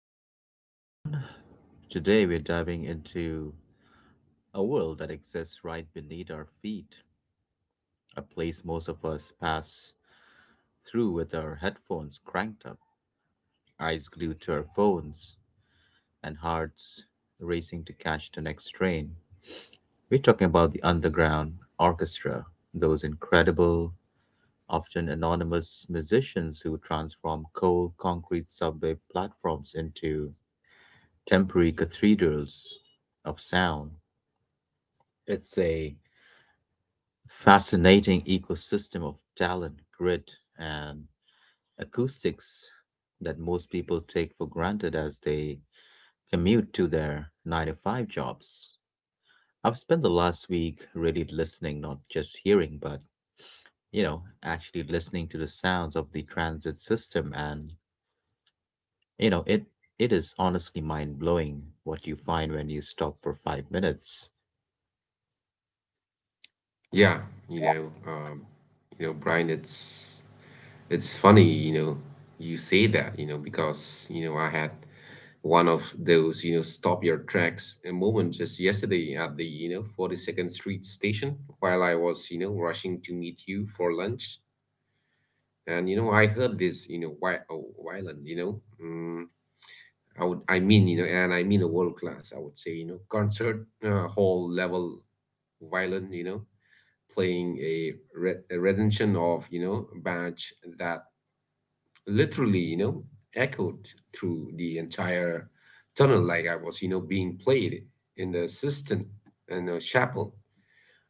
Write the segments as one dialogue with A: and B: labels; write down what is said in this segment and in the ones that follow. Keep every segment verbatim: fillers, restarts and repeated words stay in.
A: the show, everyone. Today we're diving into a world that exists right beneath our feet, a place most of us pass through with our headphones cranked up, eyes glued to our phones, and hearts racing to catch the next train. We're talking about the underground orchestra, those incredible, often anonymous musicians who transform cold concrete subway platforms into temporary cathedrals of sound. It's a fascinating ecosystem of talent, grit, and acoustics that most people take for granted as they commute to their nine to five jobs. I've spent the last week really listening, not just hearing, but you know, actually listening to the sounds of the transit system. And you know, it it is honestly mind-blowing what you find when you stop for five minutes.
B: Yeah, you know, um, you know, Brian, it's it's funny. You know, you say that, you know, because, you know, I had one of those, you know, stop your tracks a moment just yesterday at the, you know, forty-second Street station while I was, you know, rushing to meet you for lunch. And, you know, I heard this, you know, why, oh, violin, you know, mm, I would, I mean, you know, and I mean a world class, I would say, you know, concert uh, hall level violin, you know playing a, re- a rendition of you know badge that literally you know echoed through the entire tunnel, like I was you know being played in the system, in the chapel.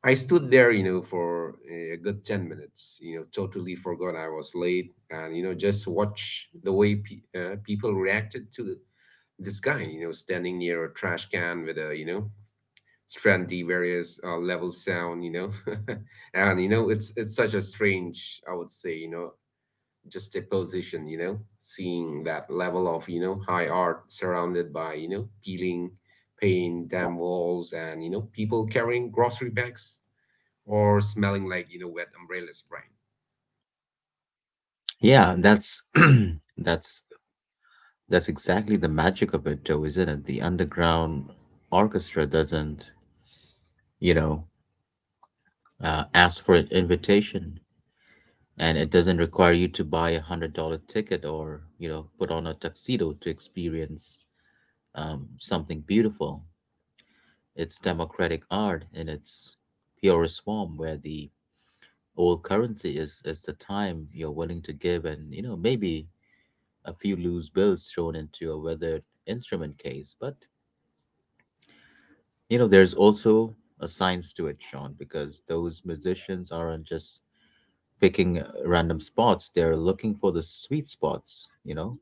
B: I stood there you know for a good ten minutes. You know totally forgot I was late, and you know just watch the way pe- uh, people reacted to this guy you know standing near a trash can with a you know trendy various uh, level sound, you know and you know it's it's such a strange, I would say, you know just a position, you know seeing that level of you know high art surrounded by you know peeling paint damn walls and you know people carrying grocery bags or smelling like you know wet umbrellas, Brian.
A: Yeah, that's that's That's exactly the magic of it, though, isn't it? The underground orchestra doesn't, you know, uh, ask for an invitation, and it doesn't require you to buy a hundred dollar ticket or, you know, put on a tuxedo to experience um, something beautiful. It's democratic art in its purest form, where the old currency is is the time you're willing to give, and you know, maybe a few loose bills thrown into a weathered instrument case. But You know, there's also a science to it, Sean, because those musicians aren't just picking uh, random spots. They're looking for the sweet spots, you know,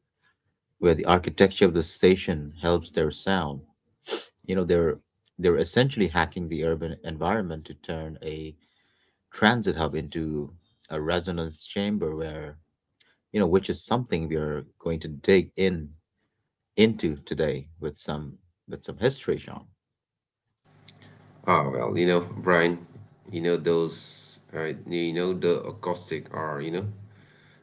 A: where the architecture of the station helps their sound. You know, they're they're essentially hacking the urban environment to turn a transit hub into a resonance chamber where, you know, which is something we are going to dig in into today with some with some history, Sean.
B: Oh well, you know Brian, you know those uh, you know the acoustic are you know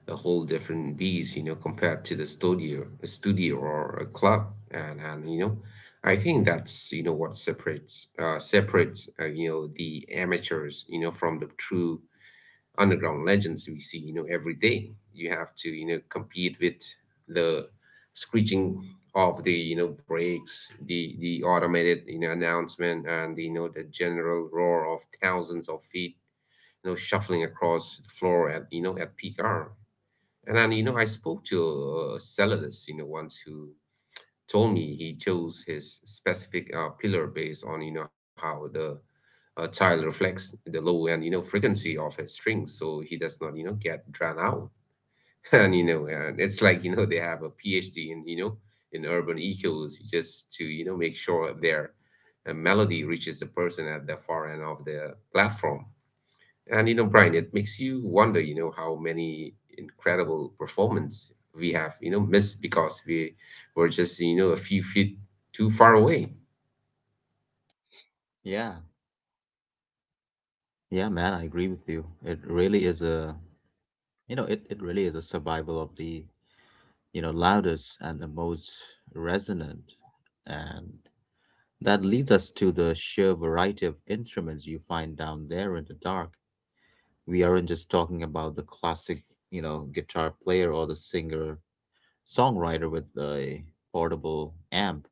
B: a whole different beast, you know, compared to the studio, a studio or a club, and and you know, I think that's you know what separates uh, separates uh, you know the amateurs, you know, from the true underground legends we see, you know, every day. You have to you know compete with the screeching of the you know brakes, the the automated you know announcement, and you know the general roar of thousands of feet, you know, shuffling across the floor at you know at peak hour. And then, you know, I spoke to a cellulist, you know, once, who told me he chose his specific uh, pillar based on, you know, how the uh, child reflects the low and, you know, frequency of his strings. So he does not, you know, get drowned out. And, you know, and it's like, you know, they have a PhD in, you know, in urban echoes, just to, you know, make sure their uh, melody reaches the person at the far end of the platform. And you know, Brian, it makes you wonder, you know, how many incredible performance we have, you know, missed because we were just, you know, a few feet too far away.
A: Yeah. Yeah, man, I agree with you. It really is a— You know, it, it really is a survival of the, you know, loudest and the most resonant. And that leads us to the sheer variety of instruments you find down there in the dark. We aren't just talking about the classic, you know, guitar player or the singer songwriter with a portable amp,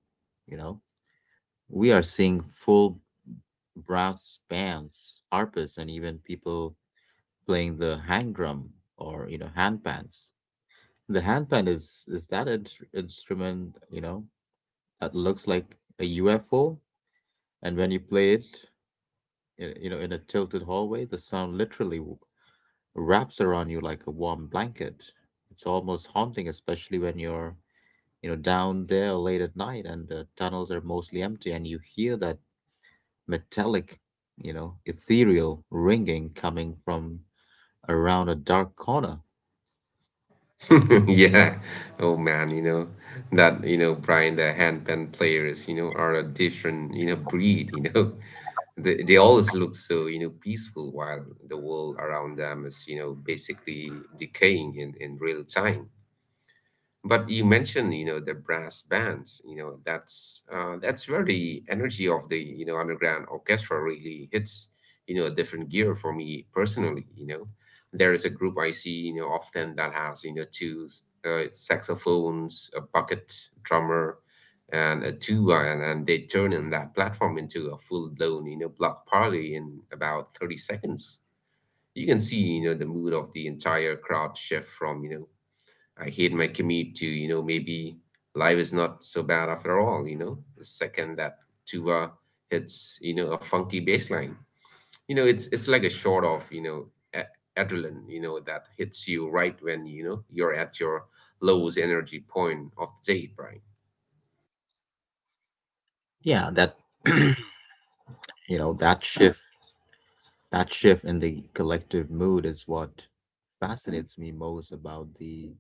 A: you know. We are seeing full brass bands, harpists, and even people playing the hang drum or, you know, hand pans. The handpan is is that in- instrument, you know, that looks like a U F O, and when you play it, y- you know, in a tilted hallway, the sound literally w- wraps around you like a warm blanket. It's almost haunting, especially when you're, you know, down there late at night and the tunnels are mostly empty, and you hear that metallic, you know, ethereal ringing coming from around a dark corner.
B: Yeah. Oh man, you know that you know Brian, the handpan players, you know, are a different you know breed. You know, they they always look so you know peaceful while the world around them is you know basically decaying in in real time. But you mentioned you know the brass bands. You know that's uh, that's where the energy of the you know underground orchestra really hits you know a different gear for me personally. You know there is a group I see you know often that has you know two uh, saxophones, a bucket drummer, and a tuba, and, and they turn in that platform into a full-blown you know block party in about thirty seconds. You can see you know the mood of the entire crowd shift from you know I hate my commute to, you know, maybe life is not so bad after all, you know. The second that tuba hits, you know, a funky bass line. You know, it's it's like a shot of, you know, a- adrenaline, you know, that hits you right when, you know, you're at your lowest energy point of the day, right?
A: Yeah, that, you know, that shift That shift in the collective mood is what fascinates me most about the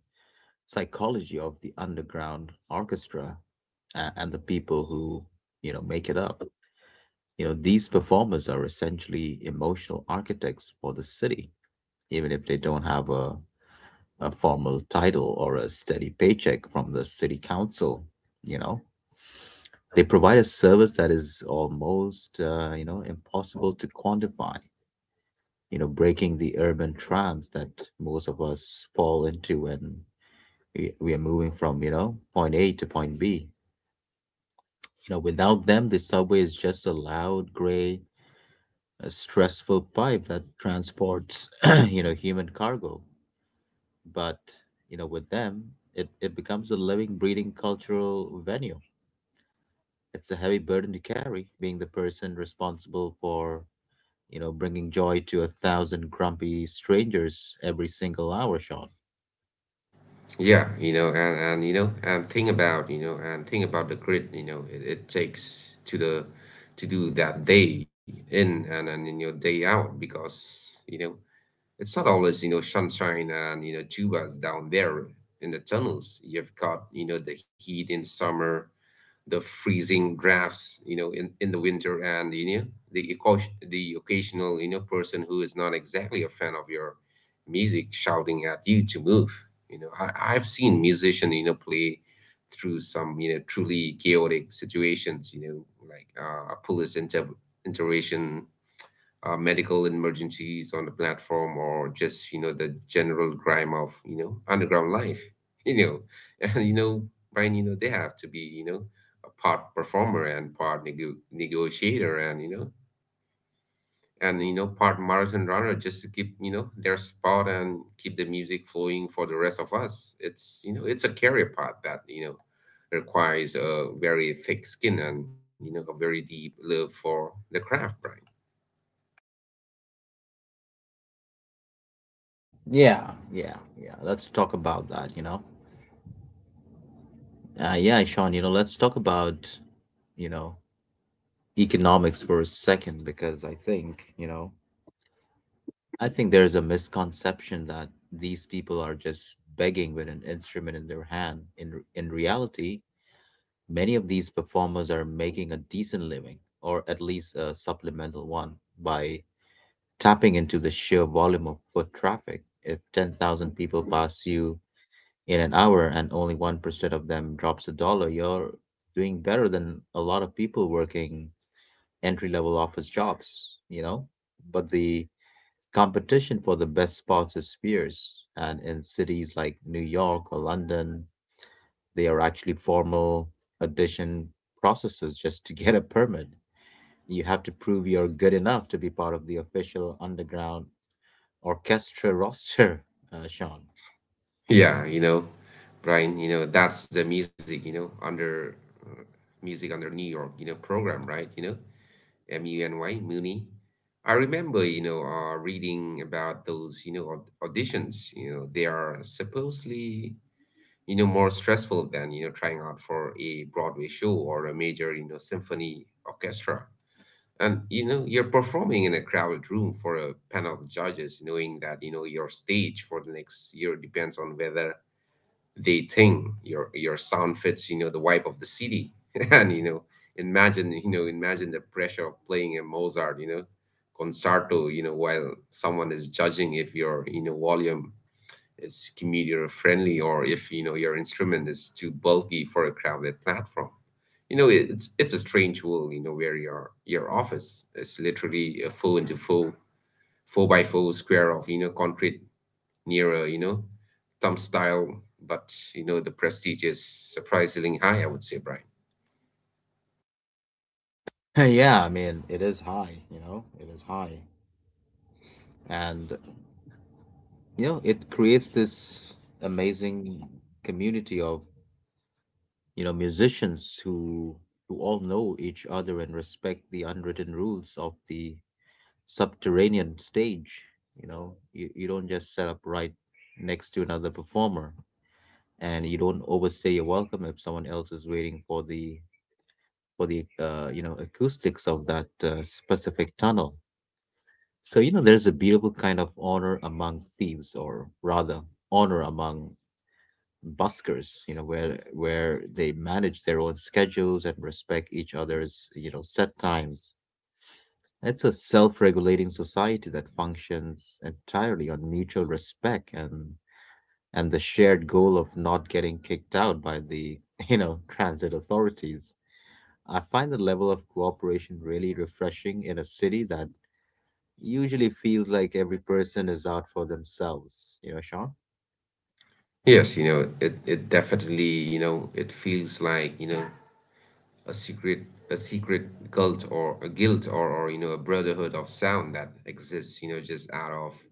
A: psychology of the underground orchestra, uh, and the people who, you know, make it up. You know, these performers are essentially emotional architects for the city, even if they don't have a, a formal title or a steady paycheck from the city council, you know. They provide a service that is almost, uh, you know, impossible to quantify, you know, breaking the urban trance that most of us fall into when we, we are moving from, you know, point A to point B. You know, without them, the subway is just a loud, gray, uh, stressful pipe that transports, you know, human cargo. But, you know, with them, it, it becomes a living, breathing cultural venue. It's a heavy burden to carry, being the person responsible for, you know, bringing joy to a thousand grumpy strangers every single hour, Sean.
B: Yeah, you know, and, and you know, and think about, you know, and think about the grit, you know, it, it takes to the to do that day in and and in your day out because, you know, it's not always, you know, sunshine and, you know, tubas down there in the tunnels. You've got, you know, the heat in summer, the freezing drafts, you know, in, in the winter, and, you know, the, occasion- the occasional, you know, person who is not exactly a fan of your music shouting at you to move. You know, I, I've seen musicians, you know, play through some, you know, truly chaotic situations, you know, like uh, a police inter- intervention, uh, medical emergencies on the platform, or just you know the general grime of you know underground life. you know and you know Brian, you know they have to be you know a part performer and part nego- negotiator, and you know and you know part marathon runner, just to keep you know their spot and keep the music flowing for the rest of us. It's you know it's a career path that you know requires a very thick skin and you know a very deep love for the craft, Brian.
A: Yeah, yeah, yeah. Let's talk about that, you know. Uh, yeah, Sean, you know, let's talk about, you know, economics for a second, because I think, you know, I think there's a misconception that these people are just begging with an instrument in their hand. In in reality, many of these performers are making a decent living, or at least a supplemental one, by tapping into the sheer volume of foot traffic. If ten thousand people pass you in an hour and only one percent of them drops a dollar, you're doing better than a lot of people working entry level office jobs, you know? But the competition for the best spots is fierce. And in cities like New York or London, they are actually formal audition processes just to get a permit. You have to prove you're good enough to be part of the official underground orchestra roster, uh, Sean.
B: Yeah, you know, Brian, you know, that's the music, you know, under uh, music under New York, you know, program, right? You know, M U N Y, Muni. I remember, you know, uh, reading about those, you know, aud- auditions, you know, they are supposedly, you know, more stressful than, you know, trying out for a Broadway show or a major, you know, symphony orchestra. And, you know, you're performing in a crowded room for a panel of judges, knowing that, you know, your stage for the next year depends on whether they think your your sound fits you know the vibe of the city. and you know imagine you know imagine the pressure of playing a Mozart you know concerto you know while someone is judging if your you know volume is comedian friendly, or if you know your instrument is too bulky for a crowded platform. you know it- it's it's a strange world you know where your your office is literally a four into four four by four square of you know concrete. Nearer, you know, thumb style, but you know, the prestige is surprisingly high, I would say, Brian.
A: Yeah, I mean, it is high, you know, it is high. And you know, it creates this amazing community of, you know, musicians who who all know each other and respect the unwritten rules of the subterranean stage. You know, you, you don't just set up right next to another performer, and you don't overstay your welcome if someone else is waiting for the for the uh, you know, acoustics of that uh, specific tunnel. So you know, there's a beautiful kind of honor among thieves, or rather honor among buskers, you know, where where they manage their own schedules and respect each other's, you know, set times. It's a self-regulating society that functions entirely on mutual respect and and the shared goal of not getting kicked out by the you know, transit authorities. I find the level of cooperation really refreshing in a city that usually feels like every person is out for themselves, you know, Sean.
B: Yes, you know, it, it definitely, you know, it feels like, you know, a secret, a secret guilt or a guilt or, or you know, a brotherhood of sound that exists, you know, just out of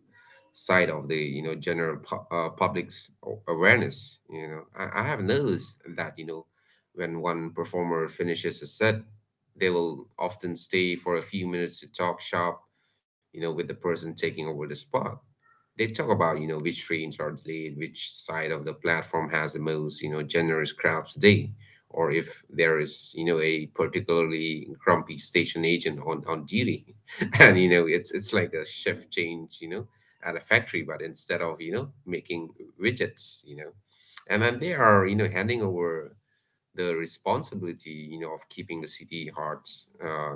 B: side of the you know general pu- uh, public's a- awareness. you know I, I have noticed that you know when one performer finishes a set, they will often stay for a few minutes to talk shop you know with the person taking over the spot. They talk about you know which trains are delayed, which side of the platform has the most you know generous crowds today, or if there is you know a particularly grumpy station agent on on duty. And you know it's it's like a shift change you know at a factory, but instead of, you know, making widgets, you know, and then they are, you know, handing over the responsibility, you know, of keeping the city hearts, uh,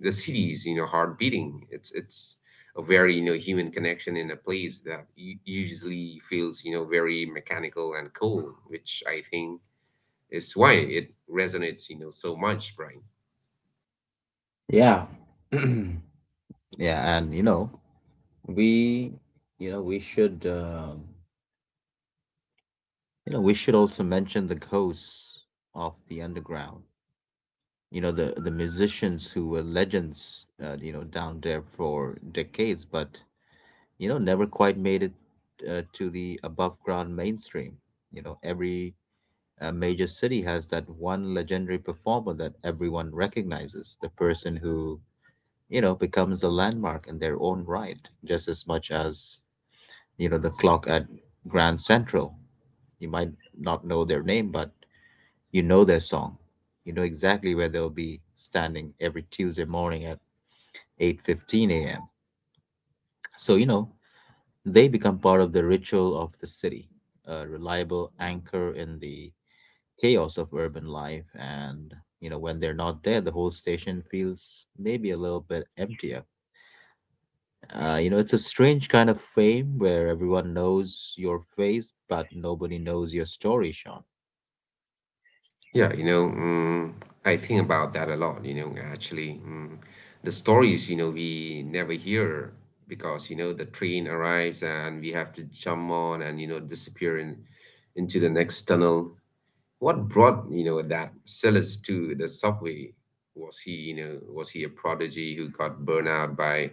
B: the city's you know, heart beating. It's, it's, a very you know human connection in a place that u- usually feels you know very mechanical and cold, which I think is why it resonates you know so much, Brian.
A: Yeah. Yeah, and you know, we you know we should um, you know we should also mention the ghosts of the underground, you know, the the musicians who were legends, uh, you know, down there for decades, but you know, never quite made it, uh, to the above ground mainstream. You know, every uh, major city has that one legendary performer that everyone recognizes, the person who, you know, becomes a landmark in their own right, just as much as, you know, the clock at Grand Central. You might not know their name, but you know their song. You know exactly where they'll be standing every Tuesday morning at eight fifteen a.m. So you know, they become part of the ritual of the city, a reliable anchor in the chaos of urban life. And you know, when they're not there, the whole station feels maybe a little bit empty. Uh, you know, it's a strange kind of fame where everyone knows your face, but nobody knows your story, Sean.
B: Yeah, you know, mm, I think about that a lot, you know, actually. Mm, the stories, you know, we never hear because, you know, the train arrives and we have to jump on and, you know, disappear in, into the next tunnel. What brought, you know, that Silas to the subway? Was he, you know, was he a prodigy who got burned out by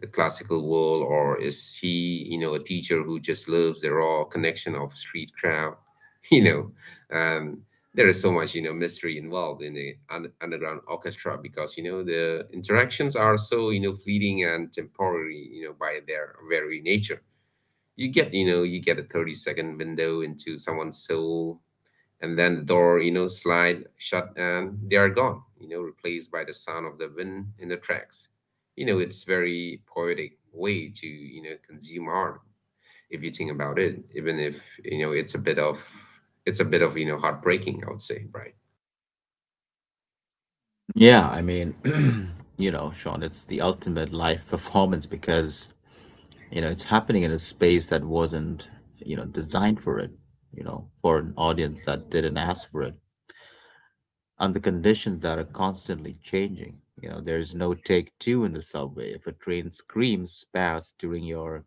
B: the classical world, or is he, you know, a teacher who just loves the raw connection of street crowd? You know, um, there is so much, you know, mystery involved in the un- underground orchestra because, you know, the interactions are so, you know, fleeting and temporary, you know, by their very nature. You get, you know, you get a thirty second window into someone's soul, and then the door you know slide shut and they are gone, you know replaced by the sound of the wind in the tracks. You know it's very poetic way to you know consume art if you think about it, even if you know it's a bit of it's a bit of you know heartbreaking, I would say, Brian.
A: Yeah, I mean, you know, Sean, it's the ultimate live performance because, you know, it's happening in a space that wasn't, you know, designed for it, you know, for an audience that didn't ask for it, under conditions that are constantly changing. You know, there's no take two in the subway. If a train screams past during your,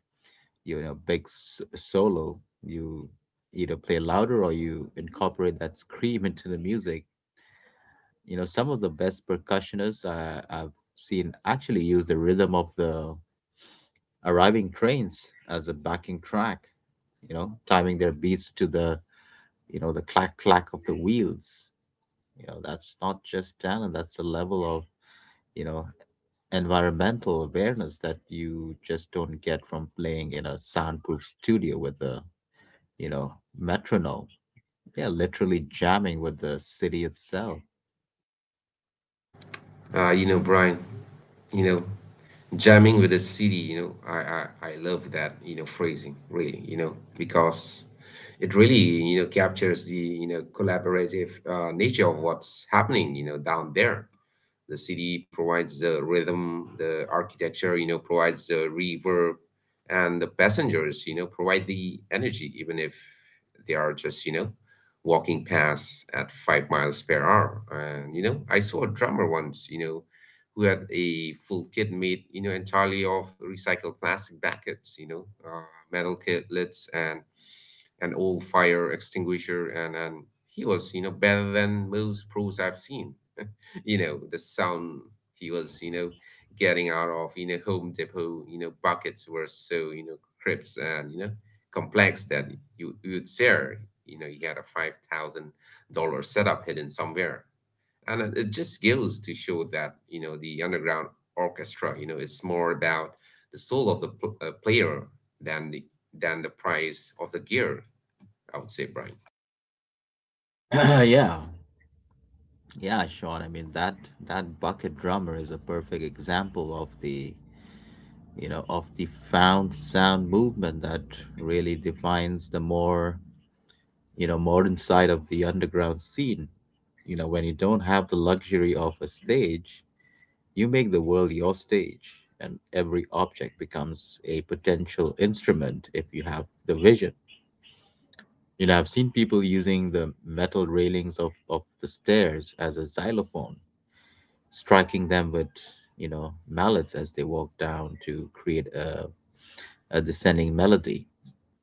A: you know, big s- solo, you either play louder or you incorporate that scream into the music. You know, some of the best percussionists uh, I've seen actually use the rhythm of the arriving trains as a backing track, you know, timing their beats to the, you know, the clack clack of the wheels. You know, that's not just talent, that's a level of, you know, environmental awareness that you just don't get from playing in a soundproof studio with a, you know, metronome. Yeah, literally jamming with the city itself.
B: uh you know Brian, you know jamming with the city, you know I, I i love that you know phrasing, really, you know because it really you know captures the you know collaborative uh, nature of what's happening you know down there. The city provides the rhythm, the architecture, you know, provides the reverb, and the passengers, you know, provide the energy, even if they are just, you know, walking past at five miles per hour. And, you know, I saw a drummer once, you know, who had a full kit made, you know, entirely of recycled plastic buckets, you know, uh, metal kit lids and an old fire extinguisher. And, and he was, you know, better than most pros I've seen. You know the sound he was you know getting out of you know Home Depot you know buckets were so you know crisp and you know complex that you you'd share you know he had a five thousand dollar setup hidden somewhere. And it it just goes to show that you know the underground orchestra, you know it's more about the soul of the pl- uh, player than the than the price of the gear, I would say, Brian.
A: Yeah. Yeah, Sean. I mean that that bucket drummer is a perfect example of the, you know, of the found sound movement that really defines the more, you know, modern side of the underground scene. You know, when you don't have the luxury of a stage, you make the world your stage, and every object becomes a potential instrument if you have the vision. You know, I've seen people using the metal railings of, of the stairs as a xylophone, striking them with, you know, mallets as they walk down to create a, a descending melody.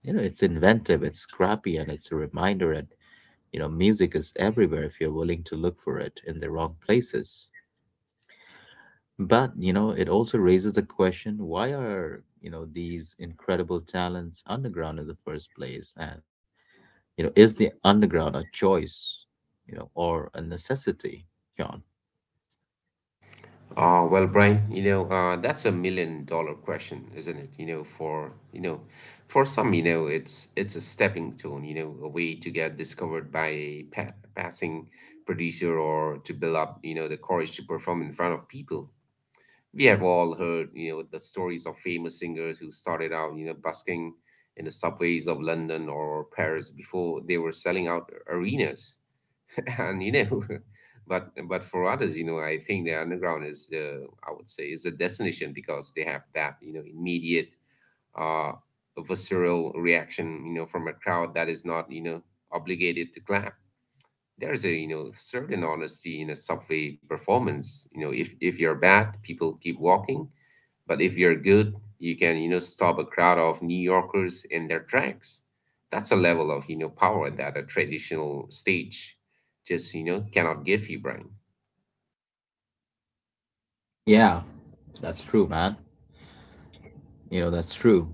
A: You know, it's inventive, it's scrappy, and it's a reminder that, you know, music is everywhere if you're willing to look for it in the wrong places. But, you know, it also raises the question, why are, you know, these incredible talents underground in the first place? And You know, is the underground a choice, you know, or a necessity, John?
B: Uh, well, Brian, you know, uh, that's a million dollar question, isn't it? You know, for, you know, for some, you know, it's it's a stepping stone, you know, a way to get discovered by a pa passing producer, or to build up, you know, the courage to perform in front of people. We have all heard, you know, the stories of famous singers who started out, you know, busking in the subways of London or Paris before they were selling out arenas. and you know but but for others, you know I think the underground is the I would say, is a destination because they have that you know immediate uh visceral reaction you know from a crowd that is not you know obligated to clap. There's a you know certain honesty in a subway performance. You know if if you're bad, people keep walking. But if you're good, you can you know stop a crowd of New Yorkers in their tracks. That's a level of you know power that a traditional stage just you know cannot give you, Brian.
A: Yeah, that's true, man. You know, that's true.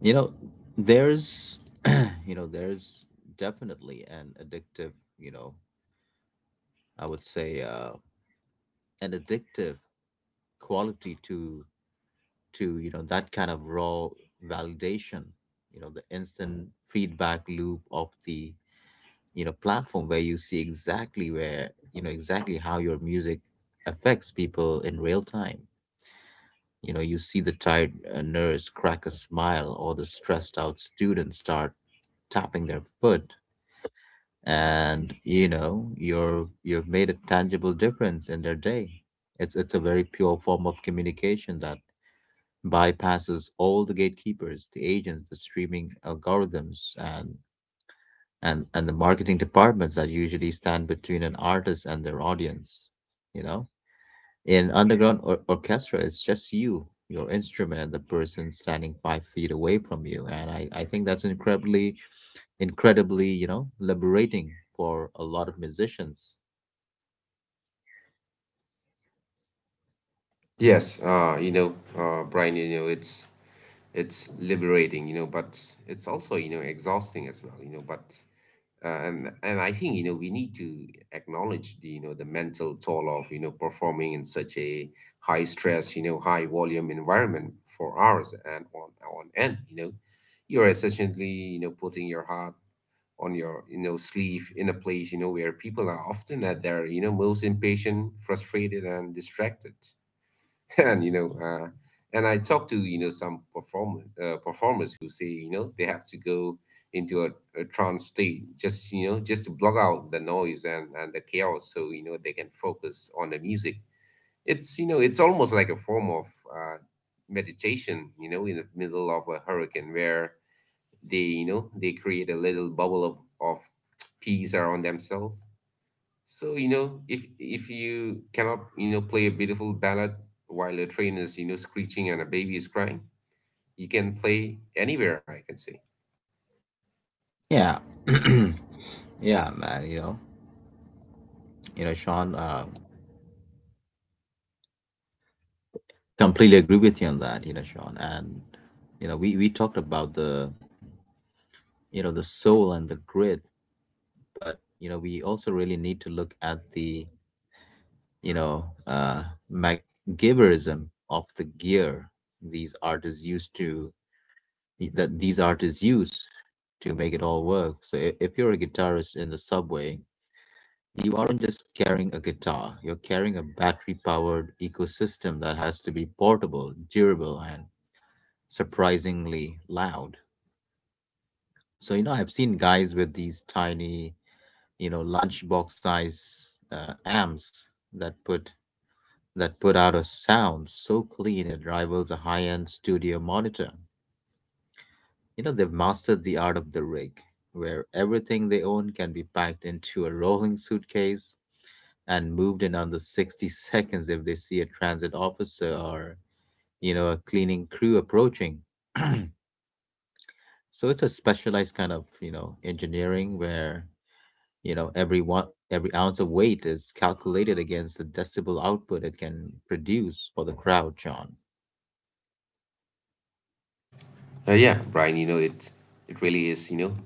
A: You know, there's, you know, there's definitely an addictive, you know, I would say, uh, an addictive quality to to you know that kind of raw validation. You know the instant feedback loop of the you know platform, where you see exactly where you know exactly how your music affects people in real time. You know you see the tired uh, nurse crack a smile, or the stressed out student start tapping their foot, and you know you're you've made a tangible difference in their day. It's it's a very pure form of communication that bypasses all the gatekeepers, the agents, the streaming algorithms, and and and the marketing departments that usually stand between an artist and their audience. You know, in underground or- orchestra, it's just you, your instrument, and the person standing five feet away from you. And I I think that's incredibly incredibly you know liberating for a lot of musicians.
B: Yes uh you know uh Brian, you know it's it's liberating, you know but it's also you know exhausting as well, you know but and and I think you know we need to acknowledge the you know the mental toll of you know performing in such a high stress, you know high volume environment for hours and on on end. You know you're essentially you know putting your heart on your you know sleeve in a place you know where people are often at their you know most impatient, frustrated, and distracted. and you know uh, and I talked to you know some performer uh, performers who say you know they have to go into a, a trance state, just you know just to block out the noise and and the chaos, so you know they can focus on the music. It's you know it's almost like a form of uh, meditation you know in the middle of a hurricane, where they you know they create a little bubble of of peace around themselves. So, you know, if if you cannot, you know, play a beautiful ballad while a train is, you know, screeching and a baby is crying, you can play anywhere, I can say.
A: Yeah, yeah, man. You know, you know, Sean. Uh, Completely agree with you on that, you know, Sean. And you know, we we talked about the you know the soul and the grit, but you know, we also really need to look at the you know uh, MacGyverism of the gear these artists used to that these artists use to make it all work. So i- if you're a guitarist in the subway, you aren't just carrying a guitar. You're carrying a battery-powered ecosystem that has to be portable, durable, and surprisingly loud. So, you know, I've seen guys with these tiny, you know, lunchbox size uh, amps that put that put out a sound so clean it rivals a high-end studio monitor. You know, they've mastered the art of the rig, where everything they own can be packed into a rolling suitcase and moved in under sixty seconds if they see a transit officer or, you know, a cleaning crew approaching. So it's a specialized kind of, you know, engineering where. You know, every one, every ounce of weight is calculated against the decibel output it can produce for the crowd, John.
B: Uh, yeah, Brian, you know, it it really is, you know,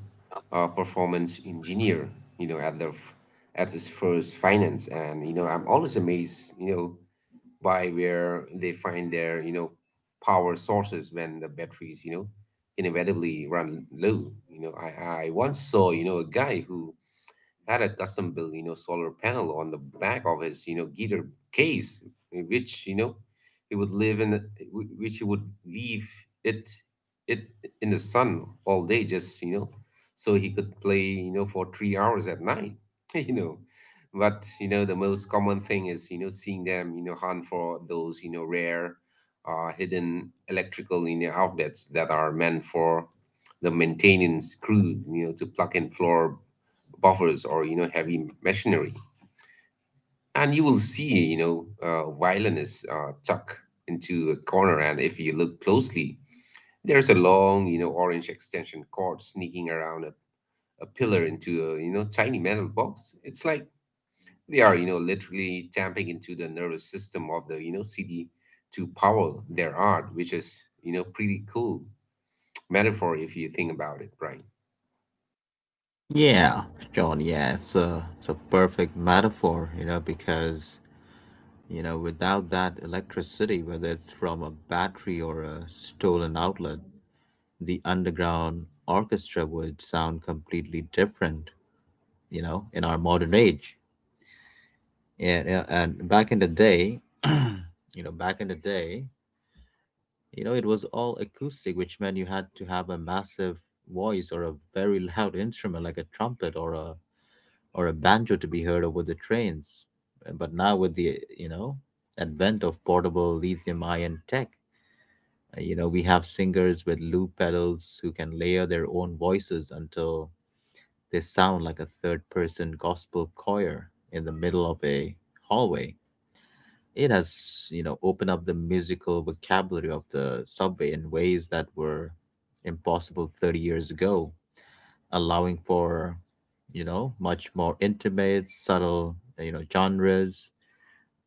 B: a performance engineer, you know, at the f- at his first finance. And you know, I'm always amazed, you know, by where they find their, you know, power sources when the batteries, you know, inevitably run low. You know, I I once saw, you know, a guy who had a custom built, you know, solar panel on the back of his, you know, guitar case, eh, which, you know, he would live in, which he would leave it, it in the sun all day, just, you know, so he could play, you know, for three hours at night. you know. But, you know, the most common thing is, you know, seeing them, you know, hunt for those, you know, rare, uh, hidden electrical, you know, outlets that are meant for the maintenance crew, you know, to plug in floor buffers or you know heavy machinery. And you will see you know uh, violinists uh, tuck into a corner, and if you look closely, there's a long you know orange extension cord sneaking around a, a pillar into a you know tiny metal box. It's like they are you know literally tapping into the nervous system of the you know cd to power their art, which is you know pretty cool metaphor if you think about it, right?
A: Yeah, John, yeah, it's a, it's a perfect metaphor, you know, because, you know, without that electricity, whether it's from a battery or a stolen outlet, the underground orchestra would sound completely different, you know, in our modern age. Yeah, yeah, and back in the day, you know, back in the day, You know, it was all acoustic, which meant you had to have a massive voice or a very loud instrument like a trumpet or a or a banjo to be heard over the trains. Uh, But now with the, you know, advent of portable lithium ion tech, uh, you know, we have singers with loop pedals who can layer their own voices until they sound like a third person gospel choir in the middle of a hallway. It has, you know, opened up the musical vocabulary of the subway in ways that were impossible thirty years ago, allowing for, you know, much more intimate, subtle, you know, genres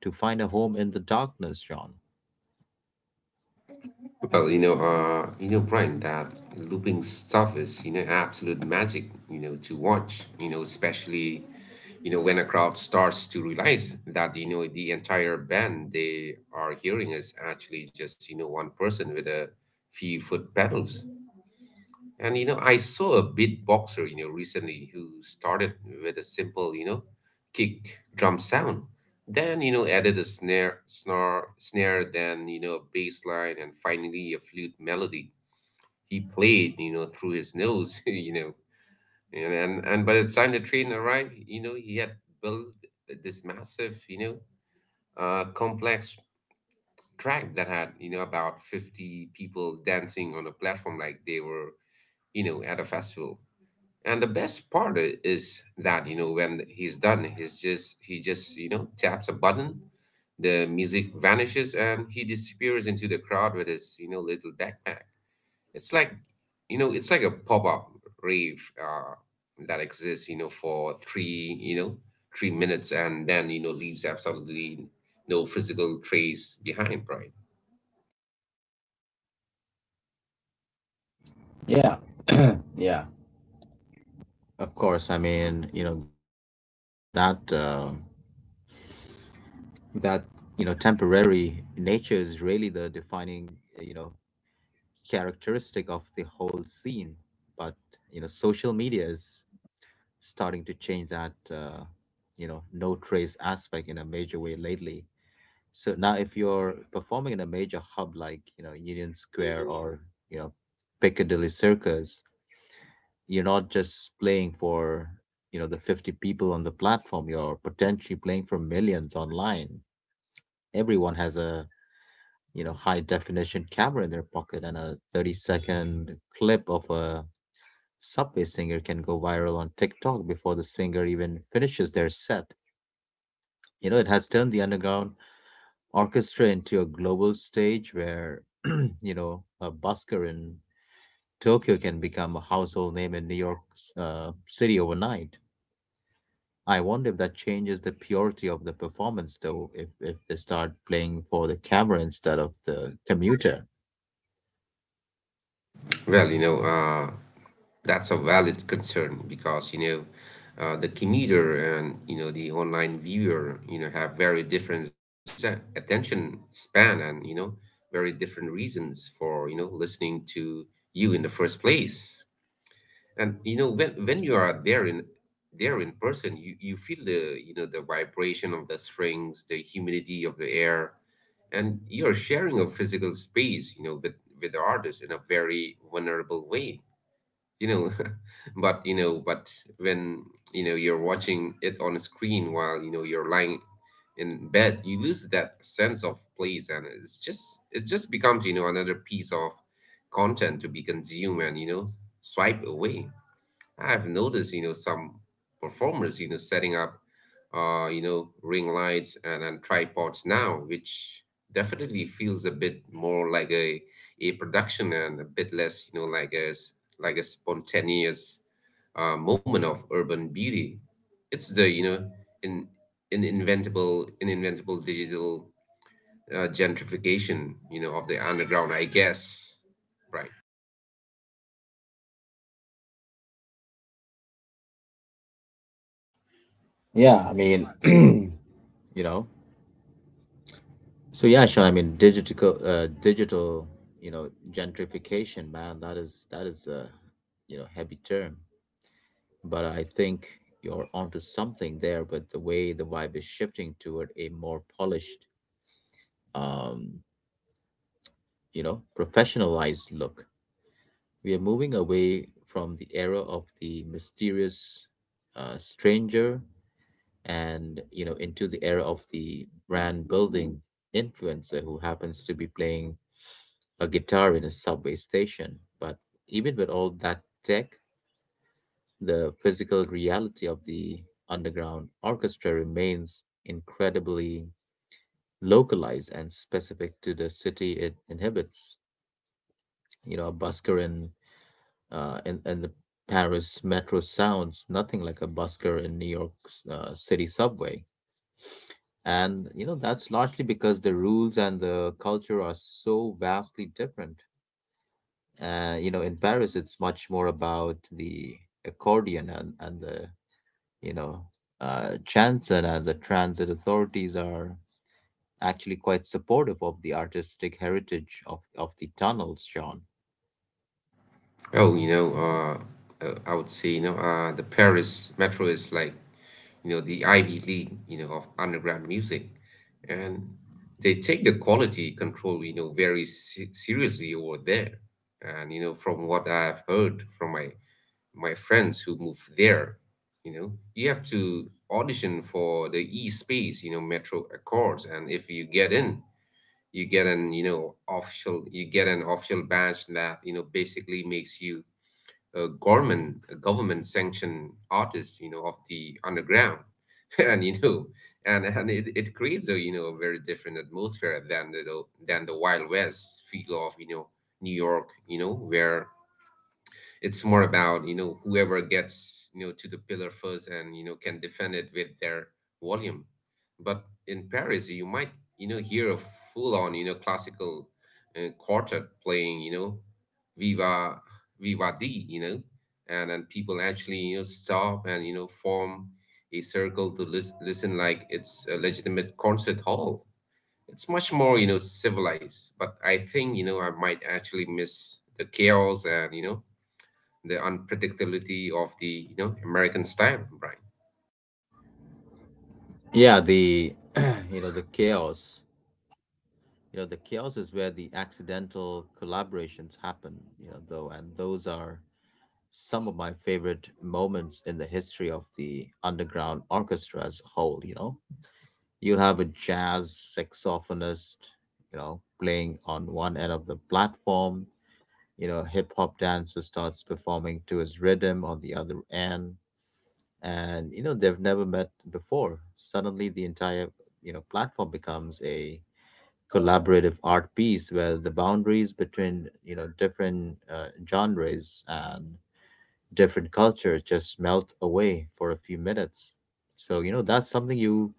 A: to find a home in the darkness, John.
B: Well, you know, uh, you know, Brian, that looping stuff is, you know, absolute magic, you know, to watch, you know, especially, you know, when a crowd starts to realize that, you know, the entire band they are hearing is actually just, you know, one person with a few foot pedals. And, you know, I saw a beatboxer, you know, recently, who started with a simple, you know, kick drum sound. Then, you know, added a snare, snare, snare, then, you know, a bass line, and finally a flute melody he played, you know, through his nose. you know. And, and and by the time the train arrived, you know, he had built this massive, you know, uh, complex track that had, you know, about fifty people dancing on a platform like they were, you know, at a festival. And the best part i- is that, you know, when he's done, he's just he just, you know, taps a button, the music vanishes, and he disappears into the crowd with his, you know, little backpack. It's like, you know, it's like a pop-up rave uh, that exists, you know, for three, you know, three minutes, and then, you know, leaves absolutely no physical trace behind, right?
A: Yeah, yeah, of course, I mean, you know, that. Uh, that you know temporary nature is really the defining eh, you know characteristic of the whole scene. But you know social media is starting to change that uh, you know no trace aspect in a major way lately. So now if you're performing in a major hub like you know Union Square or you know Piccadilly Circus, you're not just playing for you know the fifty people on the platform, you're potentially playing for millions online. Everyone has a you know high definition camera in their pocket, and a thirty second clip of a subway singer can go viral on TikTok before the singer even finishes their set. You know, it has turned the underground orchestra into a global stage where you know a busker in Tokyo can become a household name in New York's uh, city overnight. I wonder if that changes the purity of the performance, though, if, if they start playing for the camera instead of the commuter.
B: Well, you know, uh, that's a valid concern, because you know uh, the commuter and you know the online viewer you know have very different ze- attention span, and you know very different reasons for you know listening to you in the first place. And you know when when you are there in there in person, you you feel the you know the vibration of the strings, the humidity of the air, and you're sharing a physical space you know with with the artist in a very vulnerable way. you know but you know but when you know you're watching it on a screen while you know you're lying in bed, you lose that sense of place, and it's just it just becomes you know another piece of content to be consumed and you know swipe away. I've noticed, you know, some performers, you know, setting up, uh, you know, ring lights and, and tripods now, which definitely feels a bit more like a a production and a bit less, you know, like a s- like a spontaneous uh, moment of urban beauty. It's the you know, in in inventable in inventable digital uh, gentrification, you know, of the underground, I guess, right?
A: Yeah, I mean, you know, so yeah, Sean, I mean, digital, uh, digital, you know, gentrification, man, that is that is a, you know, heavy term, but I think you're onto something there. But the way the vibe is shifting toward a more polished, um, you know, professionalized look, we are moving away from the era of the mysterious uh, stranger, and you know into the era of the brand building influencer who happens to be playing a guitar in a subway station. But even with all that tech, the physical reality of the underground orchestra remains incredibly localized and specific to the city it inhabits. You know a busker in uh, in, in the Paris metro sounds nothing like a busker in New York's uh, city subway. And, you know, that's largely because the rules and the culture are so vastly different. Uh, you know, in Paris, it's much more about the accordion and, and the, you know, uh, chanson, and the transit authorities are actually quite supportive of the artistic heritage of, of the tunnels, Sean.
B: Oh, you know, uh, uh, I would say, you know, uh, the Paris Metro is like, you know, the Ivy League, you know, of underground music, and they take the quality control, you know, very se- seriously over there. And you know, from what I've heard from my my friends who moved there, you know, you have to audition for the E Space, you know, Metro Accords, and if you get in, you get an, you know, official, you get an official badge that, you know, basically makes you uh, government government sanctioned artists you know of the underground. and you know and and it, it creates a you know a very different atmosphere than the than the wild west feel of you know New York, you know where it's more about you know whoever gets you know to the pillar first and you know can defend it with their volume. But in Paris you might you know hear a full on you know classical uh, quartet playing you know viva viva di you know and and people actually you know stop and you know form a circle to lis- listen, like it's a legitimate concert hall. It's much more you know civilized, but I think you know I might actually miss the chaos and you know the unpredictability of the you know American style, Brian.
A: Yeah, the, you know, the chaos. You know, the chaos is where the accidental collaborations happen, you know, though, and those are some of my favorite moments in the history of the underground orchestra as a whole. You know you'll have a jazz saxophonist you know playing on one end of the platform, you know hip hop dancer starts performing to his rhythm on the other end, and you know they've never met before. Suddenly the entire you know platform becomes a collaborative art piece where the boundaries between you know different uh, genres and different culture just melt away for a few minutes. So, you know, that's something you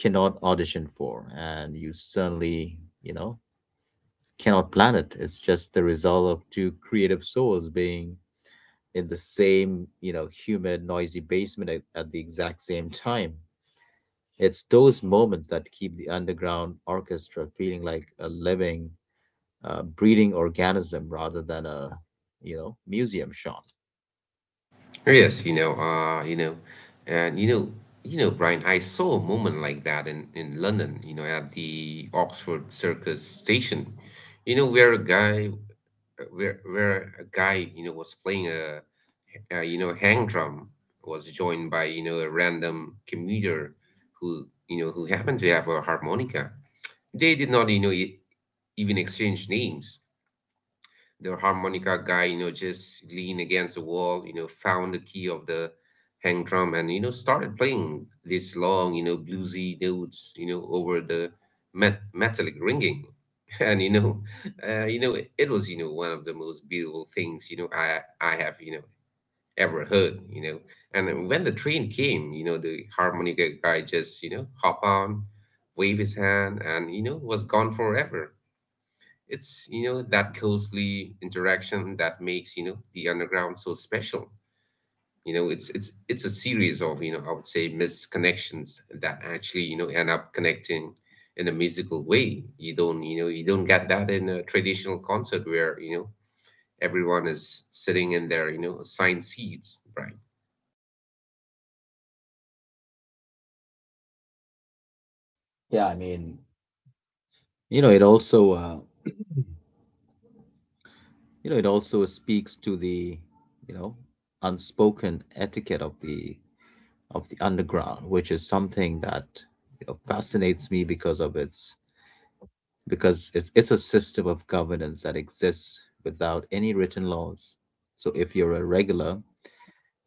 A: cannot audition for, and you certainly, you know, cannot plan it. It's just the result of two creative souls being in the same, you know, humid, noisy basement at, at the exact same time. It's those moments that keep the underground orchestra feeling like a living, uh, breeding organism rather than a you know museum shot.
B: Oh, yes. you know, uh, you know, and you know, you know, Brian, I saw a moment like that in in London, you know, at the Oxford Circus station, you know, where a guy, where where a guy, you know, was playing a, a you know hang drum, was joined by you know a random commuter who you know who happened to have a harmonica. They did not you know e- even exchange names. The harmonica guy, you know, just leaned against the wall, you know, found the key of the hang drum, and, you know, started playing these long, you know, bluesy notes, you know, over the met- metallic ringing. And, you know, uh, you know, it, it was, you know, one of the most beautiful things, you know, I, I have, you know, ever heard, you know. And when the train came, you know, the harmonica guy just, you know, hop on, wave his hand and, you know, was gone forever. It's, you know, that closely interaction that makes, you know, the underground so special. You know, it's it's it's a series of, you know, I would say misconnections that actually, you know, end up connecting in a musical way. You don't, you know, you don't get that in a traditional concert where, you know, everyone is sitting in their, you know, assigned seats, right?
A: Yeah, I mean, you know, it also uh, you know, it also speaks to the you know unspoken etiquette of the of the underground, which is something that you know fascinates me because of its because it's it's a system of governance that exists without any written laws. So if you're a regular,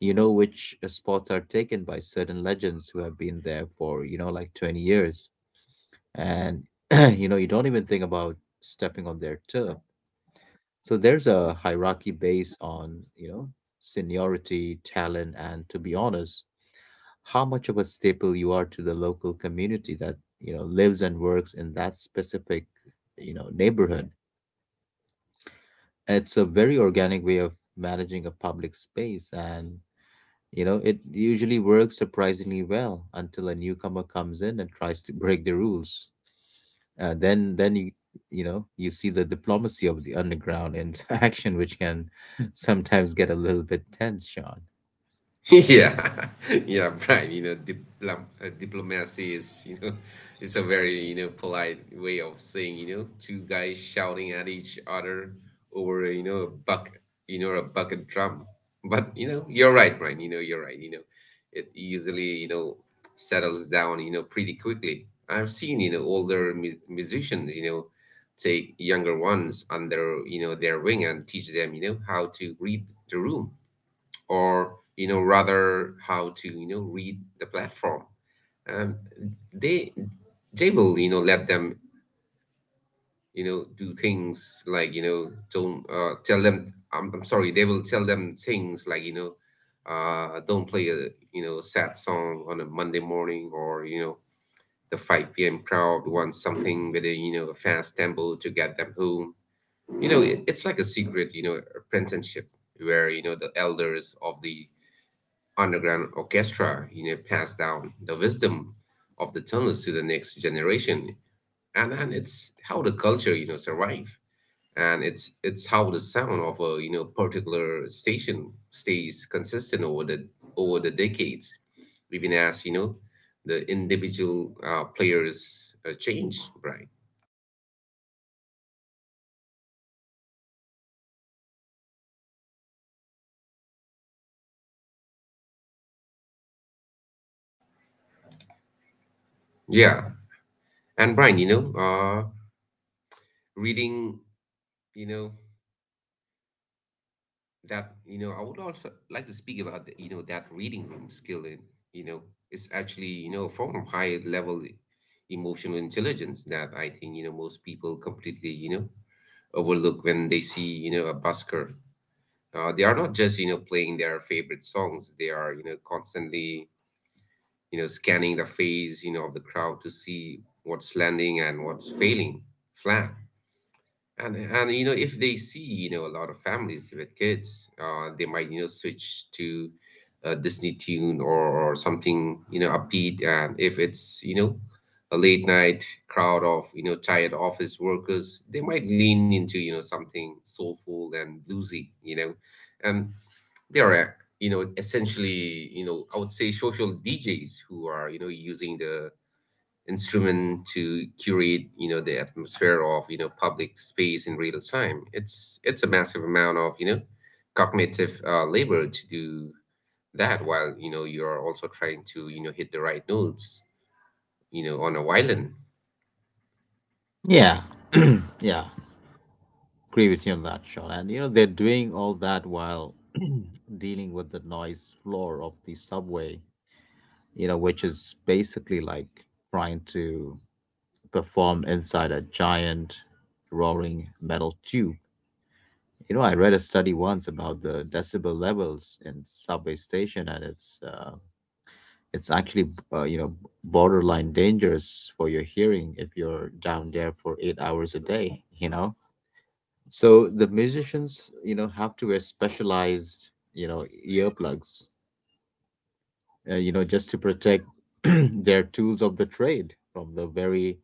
A: you know which spots are taken by certain legends who have been there for you know like twenty years. And you know you don't even think about stepping on their turf. So there's a hierarchy based on, you know, seniority, talent, and to be honest, how much of a staple you are to the local community that, you know, lives and works in that specific, you know, neighborhood. It's a very organic way of managing a public space, and you know, it usually works surprisingly well until a newcomer comes in and tries to break the rules. uh, then then you you know you see the diplomacy of the underground in action, which can sometimes get a little bit tense, Sean.
B: Yeah, yeah, Brian. You know, diplom uh, diplomacy is, you know, it's a very you know polite way of saying you know two guys shouting at each other over you know a buck you know a bucket drum. But you know, you're right, Brian. You know, you're right. You know, it usually you know settles down you know pretty quickly. I've seen you know older mu musicians you know take younger ones under you know their wing and teach them you know how to read the room, or you know rather how to you know read the platform. Um, they they will you know let them you know do things like you know don't, uh, tell them, I'm, I'm sorry, they will tell them things like, you know uh, don't play a you know sad song on a Monday morning, or you know the five p m p.m crowd wants something with a you know a fast tempo to get them home. You know it, it's like a secret you know apprenticeship where you know the elders of the underground orchestra, you know, passed down the wisdom of the tunnels to the next generation. And and it's how the culture you know survive, and it's it's how the sound of a you know particular station stays consistent over the over the decades, even as you know the individual uh, players uh, change, right? Yeah. And Brian, you know uh reading, you know that, you know I would also like to speak about the, you know that reading room skill in. you know it's actually you know a form of high level emotional intelligence that I think you know most people completely you know overlook when they see you know a busker. Uh, they are not just you know playing their favorite songs, they are you know constantly you know scanning the face you know of the crowd to see what's landing and what's failing flat. And and you know, if they see you know a lot of families with kids, uh, they might you know switch to a Disney tune, or, or something you know upbeat. And if it's you know a late night crowd of you know tired office workers, they might lean into you know something soulful and bluesy. You know, and they are, uh, you know essentially, you know I would say, social D Js who are you know using the instrument to curate you know the atmosphere of you know public space in real time. It's it's a massive amount of you know cognitive uh, labor to do that while you know you are also trying to you know hit the right notes you know on a violin.
A: Yeah, yeah, agree with you on that, Sean. And you know they're doing all that while dealing with the noise floor of the subway, you know, which is basically like trying to perform inside a giant roaring metal tube. You know, I read a study once about the decibel levels in subway station, and it's uh, it's actually uh, you know borderline dangerous for your hearing if you're down there for eight hours a day. You know, so the musicians you know have to wear specialized you know earplugs, uh, you know, just to protect their tools of the trade from the very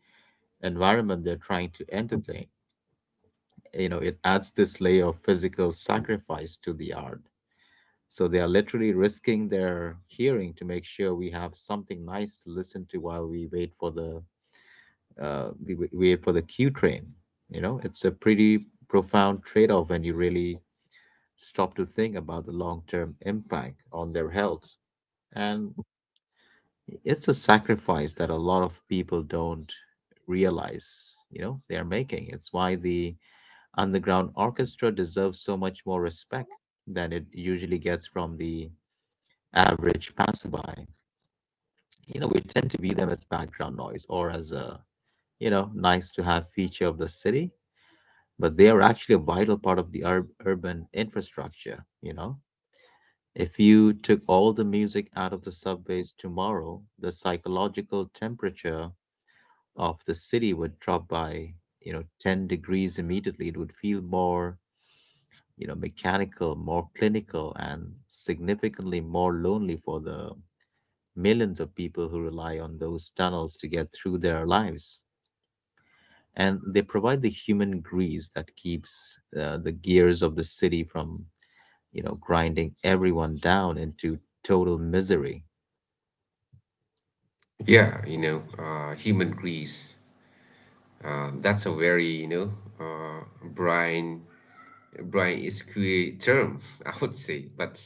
A: environment they're trying to entertain. You know, it adds this layer of physical sacrifice to the art. So they are literally risking their hearing to make sure we have something nice to listen to while we wait for the uh, we we wait for the Q train. You know, it's a pretty profound trade-off when you really stop to think about the long-term impact on their health. And it's a sacrifice that a lot of people don't realize, you know, they are making. It's why the underground orchestra deserves so much more respect than it usually gets from the average passerby. You know, we tend to view them as background noise or as a, you know, nice to have feature of the city, but they are actually a vital part of the ur- urban infrastructure, you know? If you took all the music out of the subways tomorrow, the psychological temperature of the city would drop by, you know, ten degrees immediately. It would feel more you know, mechanical, more clinical, and significantly more lonely for the millions of people who rely on those tunnels to get through their lives. And they provide the human grease that keeps uh, the gears of the city from, you know, grinding everyone down into total misery.
B: Yeah, you know, uh, human grease. Uh, that's a very, you know, uh, Brian Brian Esquier term, I would say. But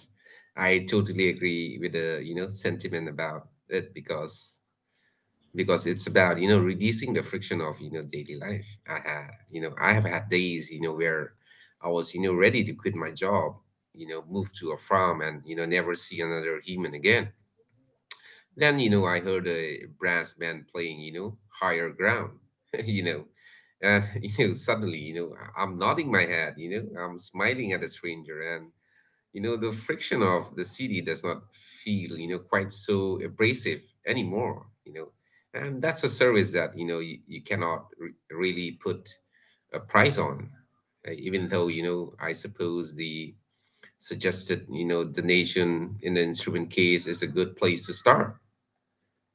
B: I totally agree with the, you know, sentiment about it, because because it's about you know reducing the friction of you know daily life. i had you know I have had days you know where I was you know ready to quit my job, you know move to a farm, and you know never see another human again. Then you know I heard a brass band playing, you know higher ground. you know and you know suddenly, you know I- i'm nodding my head, you know I'm smiling at a stranger, and you know the friction of the city does not feel you know quite so abrasive anymore you know and that's a service that you know you, you cannot re- really put a price on. Uh, even though you know I suppose the suggested you know donation in the instrument case is a good place to start.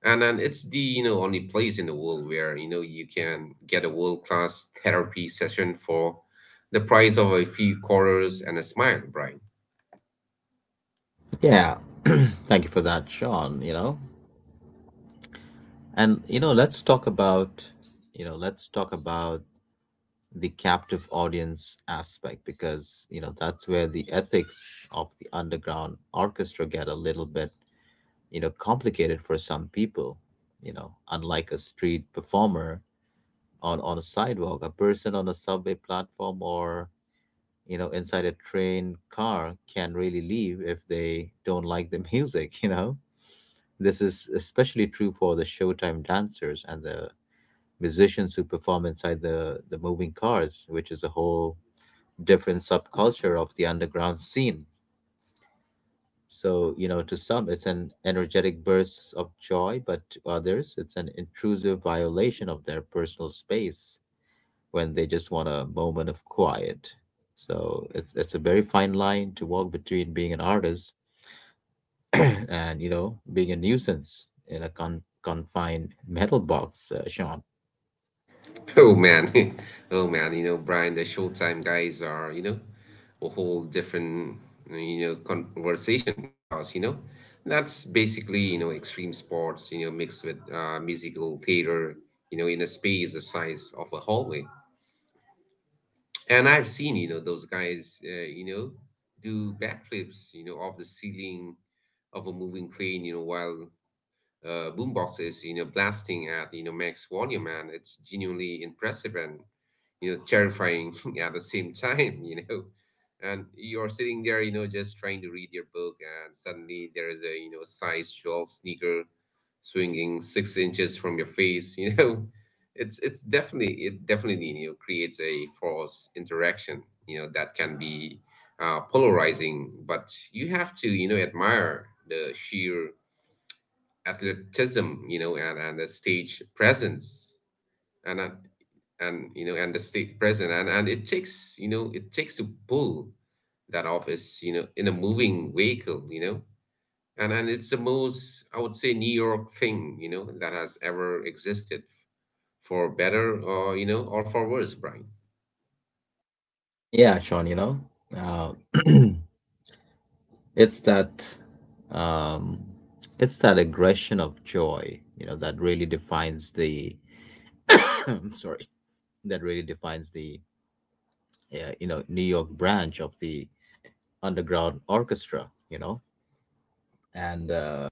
B: And then it's the you know only place in the world where you know you can get a world class therapy session for the price of a few quarters and a smile, Brian.
A: Yeah, thank you for that, Sean. You know, and you know, let's talk about, you know, let's talk about the captive audience aspect because, you know, that's where the ethics of the underground orchestra get a little bit, you know, complicated for some people. You know, unlike a street performer on on a sidewalk, a person on a subway platform or, you know, inside a train car can really leave if they don't like the music, you know? This is especially true for the showtime dancers and the musicians who perform inside the, the moving cars, which is a whole different subculture of the underground scene. So, you know, to some, it's an energetic burst of joy, but to others, it's an intrusive violation of their personal space when they just want a moment of quiet. So it's, it's a very fine line to walk between being an artist and, you know, being a nuisance in a con- confined metal box, uh, Sean.
B: Oh man, oh man, you know, Brian, the Showtime guys are, you know, a whole different, you know, conversation, because, you know, that's basically, you know, extreme sports, you know, mixed with, uh, musical theater, you know, in a space the size of a hallway. And I've seen, you know, those guys, uh, you know, do backflips, you know, off the ceiling of a moving train, you know, while, uh, boomboxes, you know, blasting at you know max volume, and it's genuinely impressive and you know terrifying at the same time. you know. And you're sitting there, you know, just trying to read your book, and suddenly there is a, you know size twelve sneaker swinging six inches from your face, you know. It's it's definitely it definitely you know creates a false interaction, you know, that can be, uh, polarizing, but you have to, you know admire the sheer athleticism, you know, and, and the stage presence, and uh, and you know, and the stage presence, and and it takes, you know, it takes to pull that off is, you know in a moving vehicle, you know, and and it's the most, I would say, New York thing, you know, that has ever existed, for better or you know or for worse, Brian.
A: Yeah, Sean, you know. Uh, It's that um it's that aggression of joy, you know, that really defines the I'm sorry, that really defines the uh, you know, New York branch of the underground orchestra, you know. And uh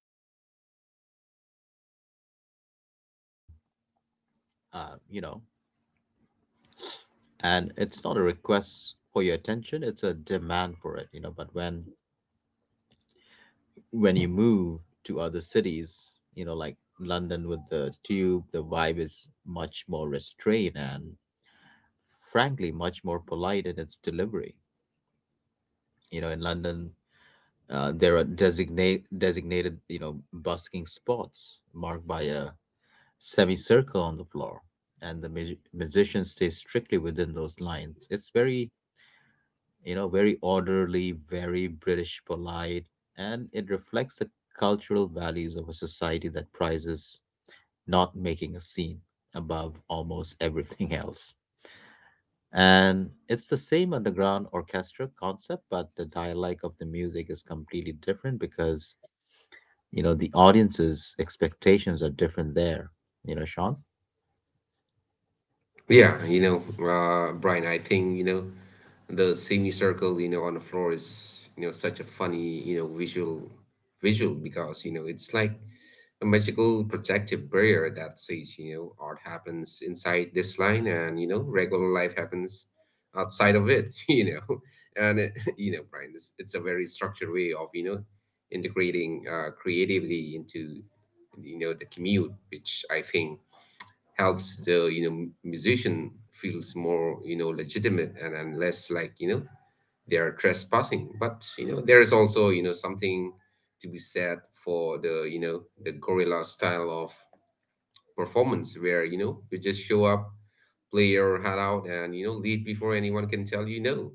A: uh, you know, and it's not a request for your attention; it's a demand for it, you know. But when when you move to other cities, you know, like London with the tube, the vibe is much more restrained and frankly much more polite in its delivery. You know, in London, uh, there are designate designated you know busking spots marked by a semicircle on the floor, and the mu- musicians stay strictly within those lines. It's very you know very orderly, very British polite, and it reflects the cultural values of a society that prizes not making a scene above almost everything else. And it's the same underground orchestra concept, but the dialect of the music is completely different because, you know, the audience's expectations are different there. You know, Sean?
B: Yeah, you know, uh, Brian, I think, you know. The semicircle, you know, on the floor is, you know, such a funny, you know, visual visual because, you know, it's like a magical protective barrier that says, you know, art happens inside this line and, you know, regular life happens outside of it, you know. And, it, you know, Brian, it's, it's a very structured way of, you know, integrating, uh, creativity into, you know, the commute, which I think helps the you know musician feels more you know legitimate, and, and less like you know they are trespassing. But you know there is also you know something to be said for the you know the gorilla style of performance where you know you just show up, play your heart out, and you know leave before anyone can tell you no.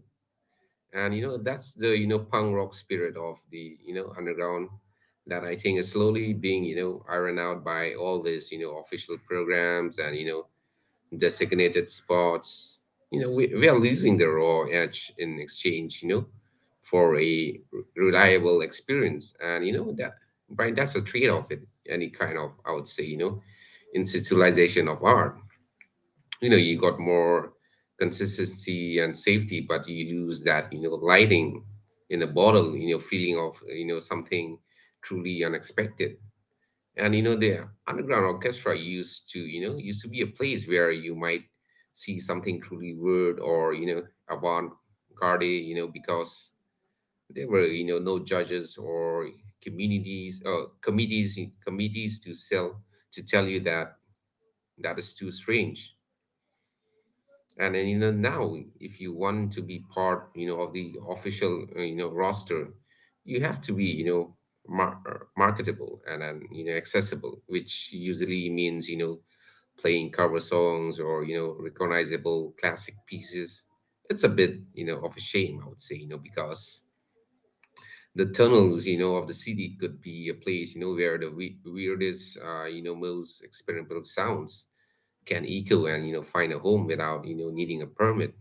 B: And you know that's the you know punk rock spirit of the you know underground that I think is slowly being you know ironed out by all this you know official programs and you know designated spots. You know, we, we are losing the raw edge in exchange, you know, for a r- reliable experience. And, you know, that, Brian, that's a trade off in any kind of, I would say, you know, institutionalization of art. You know, you got more consistency and safety, but you lose that, you know, lighting in a bottle, you know, feeling of, you know, something truly unexpected. And you know the underground orchestra, used to you know used to be a place where you might see something truly weird, or you know avant-garde, you know because there were you know no judges or communities uh, committees committees to sell to tell you that that is too strange. And then, you know now if you want to be part you know of the official, uh, you know roster, you have to be you know mar- marketable and, and you know accessible, which usually means you know playing cover songs or you know recognizable classic pieces. It's a bit you know of a shame, I would say, you know because the tunnels, you know of the city could be a place you know where the we- weirdest, uh, you know most experimental sounds can echo and you know find a home without you know needing a permit.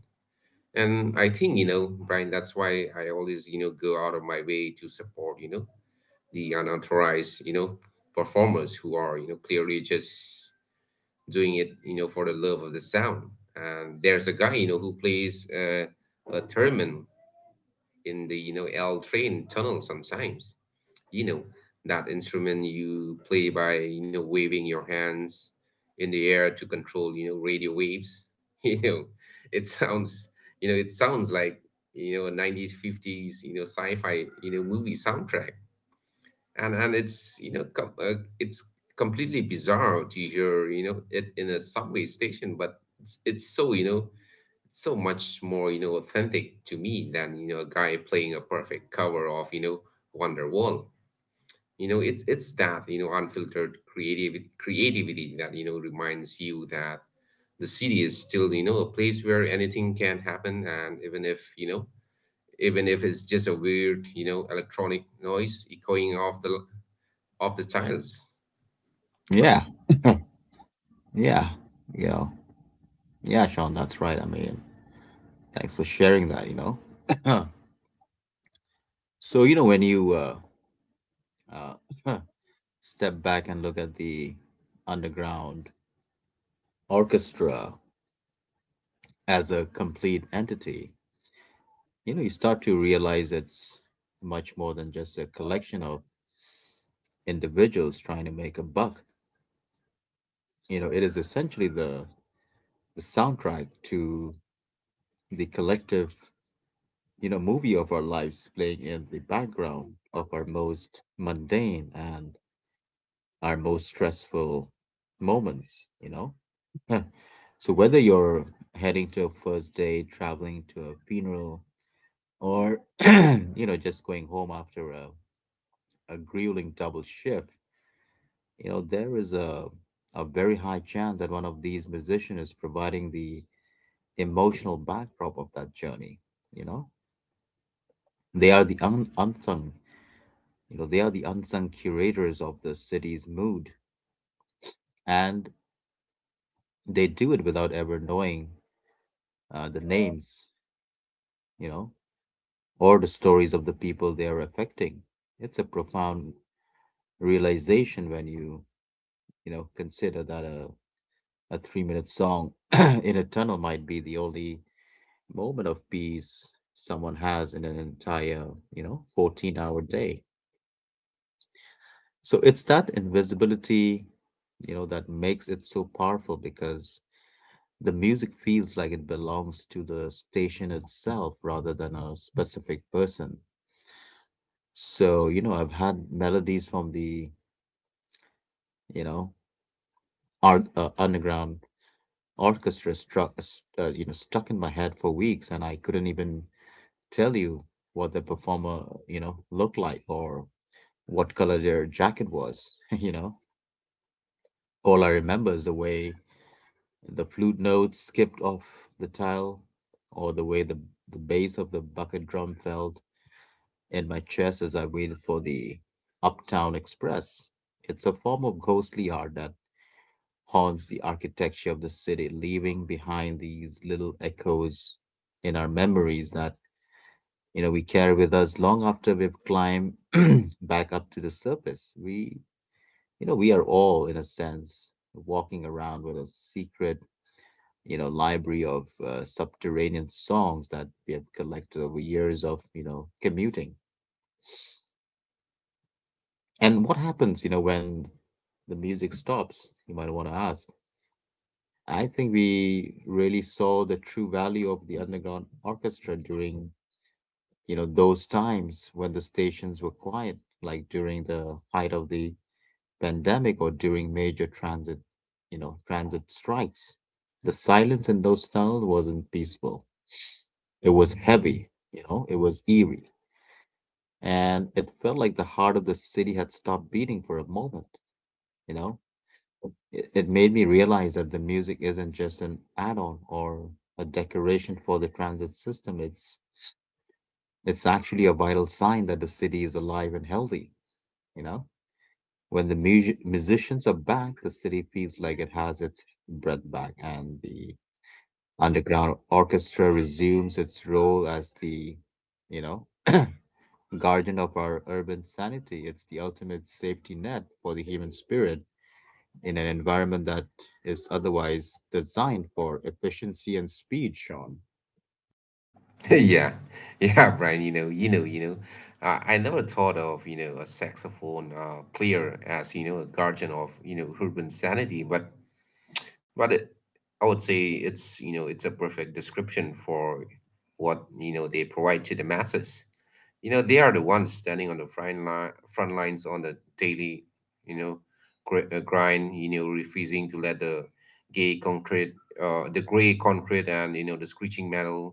B: And I think, you know Brian, that's why I always you know go out of my way to support you know the unauthorized you know performers who are you know clearly just doing it, you know, for the love of the sound. And there's a guy, you know, who plays, uh, a theremin in the, you know, L train tunnel sometimes. You know, that instrument you play by, you know, waving your hands in the air to control, you know, radio waves. You know, it sounds, you know, it sounds like, you know, a nineteen fifties, you know, sci-fi, you know, movie soundtrack. And and it's you know com- uh, it's completely bizarre to hear, you know it in a subway station. But it's it's so, you know it's so much more, you know authentic to me than, you know a guy playing a perfect cover of, you know Wonderwall. you know it's it's that you know unfiltered creativity creativity that, you know reminds you that the city is still, you know a place where anything can happen. And, even if you know even if it's just a weird, you know electronic noise echoing off the of the child's
A: Yeah.
B: brain.
A: Yeah. You know, yeah, Sean, that's right. I mean, thanks for sharing that, you know. So, you know, when you uh, uh, step back and look at the underground orchestra as a complete entity, you know, you start to realize it's much more than just a collection of individuals trying to make a buck. You know, it is essentially the the soundtrack to the collective, you know, movie of our lives playing in the background of our most mundane and our most stressful moments, you know. So whether you're heading to a first date, traveling to a funeral, or you know, just going home after a, a grueling double shift, you know, there is a a very high chance that one of these musicians is providing the emotional backdrop of that journey, you know. They are the un- unsung, you know, they are the unsung curators of the city's mood, and they do it without ever knowing uh, the names, you know, or the stories of the people they are affecting. It's a profound realization when you you know consider that a a three minute song in a tunnel might be the only moment of peace someone has in an entire, you know, fourteen hour day. So it's that invisibility, you know, that makes it so powerful because the music feels like it belongs to the station itself rather than a specific person. So, you know, I've had melodies from the, you know, arc, uh, underground orchestra struck, uh, you know, stuck in my head for weeks and I couldn't even tell you what the performer, you know, looked like or what color their jacket was, you know. All I remember is the way the flute notes skipped off the tile, or the way the, the bass of the bucket drum felt in my chest as I waited for the Uptown Express. It's a form of ghostly art that haunts the architecture of the city, leaving behind these little echoes in our memories that you know we carry with us long after we've climbed back up to the surface. We You know, we are all, in a sense, walking around with a secret, you know, library of uh, subterranean songs that we have collected over years of, you know, commuting. And what happens, you know, when the music stops, you might want to ask. I think we really saw the true value of the underground orchestra during, you know, those times when the stations were quiet, like during the height of the pandemic or during major transit, you know, transit strikes. The silence in those tunnels wasn't peaceful. It was heavy, you know, it was eerie. And it felt like the heart of the city had stopped beating for a moment, you know? It, it made me realize that the music isn't just an add-on or a decoration for the transit system. It's it's actually a vital sign that the city is alive and healthy, you know? When the mu- musicians are back, the city feels like it has its breath back, and the underground orchestra resumes its role as the, you know, guardian of our urban sanity. It's the ultimate safety net for the human spirit in an environment that is otherwise designed for efficiency and speed, Sean.
B: Yeah, yeah, Brian, you know, you know, you know, I, I never thought of, you know, a saxophone uh, player as, you know, a guardian of, you know, urban sanity, but but it, I would say it's, you know, it's a perfect description for what, you know, they provide to the masses. you know they are the ones standing on the front line front lines on the daily, you know gr- uh, grind, you know refusing to let the gay concrete uh, the gray concrete, and, you know the screeching metal,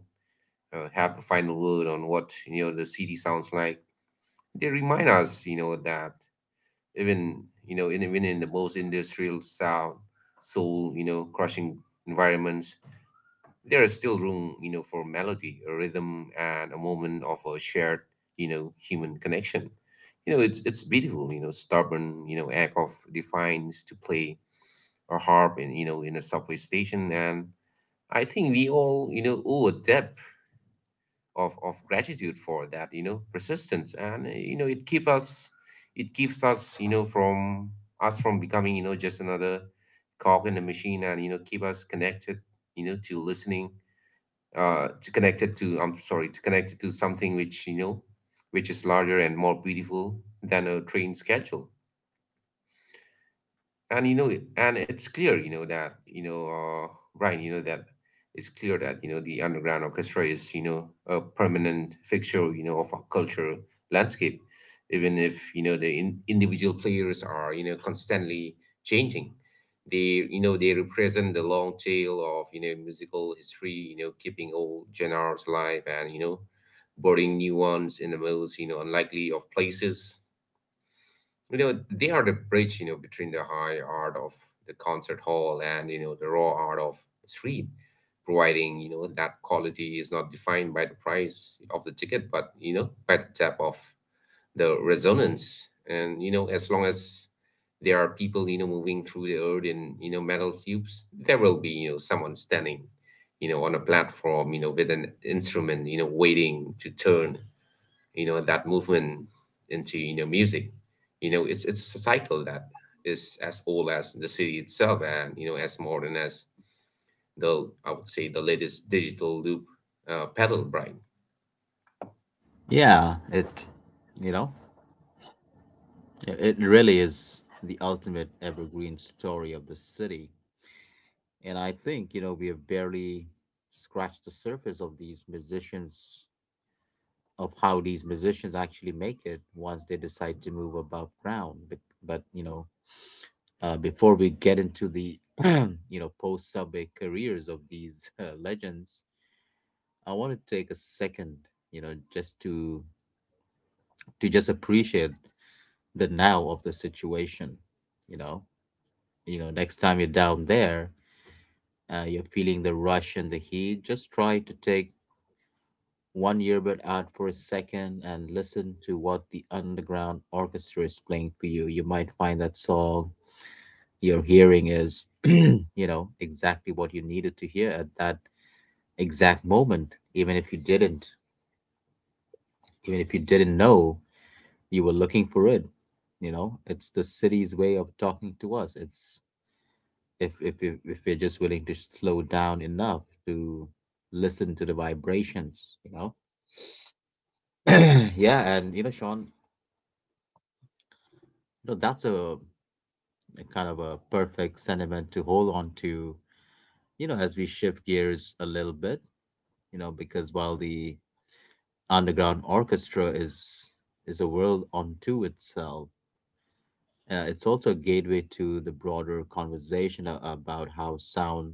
B: uh, have the final word on what, you know the city sounds like. They remind us, you know that even you know in, even in the most industrial, sound soul you know crushing environments, there is still room, you know, for melody, a rhythm, and a moment of a shared, you know, human connection. You know, it's it's beautiful, you know, stubborn, you know, act of defiance to play a harp in, you know, in a subway station, and I think we all, you know, owe a debt of of gratitude for that, you know, persistence, and, uh, you know, it keep us, it keeps us, you know, from us from becoming, you know, just another cog in the machine, and, you know, keep us connected, you know, to listening, uh, to connect it to, I'm sorry, to connect it to something, which you know which is larger and more beautiful than a train schedule. And, you know and it's clear, you know that you know uh, Brian, you know that it's clear that, you know the underground orchestra is, you know a permanent fixture, you know of our cultural landscape, even if, you know the in- individual players are, you know constantly changing. They you know they represent the long tail of, you know musical history, you know keeping old genres alive, and, you know boarding new ones in the most, you know unlikely of places. you know they are the bridge, you know between the high art of the concert hall, and, you know the raw art of the street, providing, you know that quality is not defined by the price of the ticket, but, you know by the depth of the resonance. And, you know as long as there are people, you know moving through the earth in, you know metal tubes, there will be, you know someone standing, you know on a platform, you know with an instrument, you know waiting to turn, you know that movement into, you know music. you know it's it's a cycle that is as old as the city itself, and, you know as modern as the i would say the latest digital loop, uh, pedal bright.
A: Yeah, it, you know, it it really is the ultimate evergreen story of the city. And I think, you know, we have barely scratched the surface of these musicians, of how these musicians actually make it once they decide to move above ground. But, but you know, uh, before we get into the, you know, post subway careers of these uh, legends, I want to take a second, you know, just to to just appreciate the now of the situation. You know, you know, next time you're down there, uh, you're feeling the rush and the heat. Just try to take one earbud out for a second and listen to what the underground orchestra is playing for you. You might find that song you're hearing is, you know, exactly what you needed to hear at that exact moment, even if you didn't, even if you didn't know you were looking for it. You know, it's the city's way of talking to us. It's if if you if you're just willing to slow down enough to listen to the vibrations, you know. Yeah, and you know, Sean, you know that's a a kind of a perfect sentiment to hold on to, you know, as we shift gears a little bit, you know, because while the underground orchestra is is a world unto itself, uh, it's also a gateway to the broader conversation a- about how sound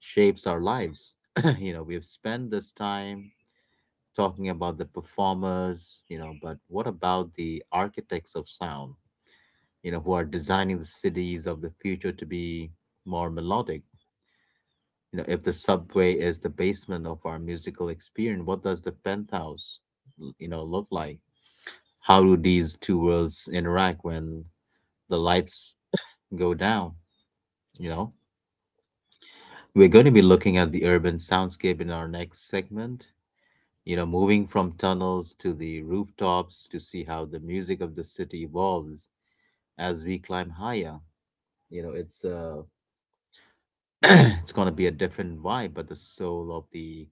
A: shapes our lives. You know, we've spent this time talking about the performers, you know, but what about the architects of sound, you know, who are designing the cities of the future to be more melodic? You know, if the subway is the basement of our musical experience, what does the penthouse, l- you know, look like? How do these two worlds interact when the lights go down? You know, we're going to be looking at the urban soundscape in our next segment. You know, moving from tunnels to the rooftops to see how the music of the city evolves as we climb higher. You know, it's uh, it's gonna be a different vibe, but the soul of the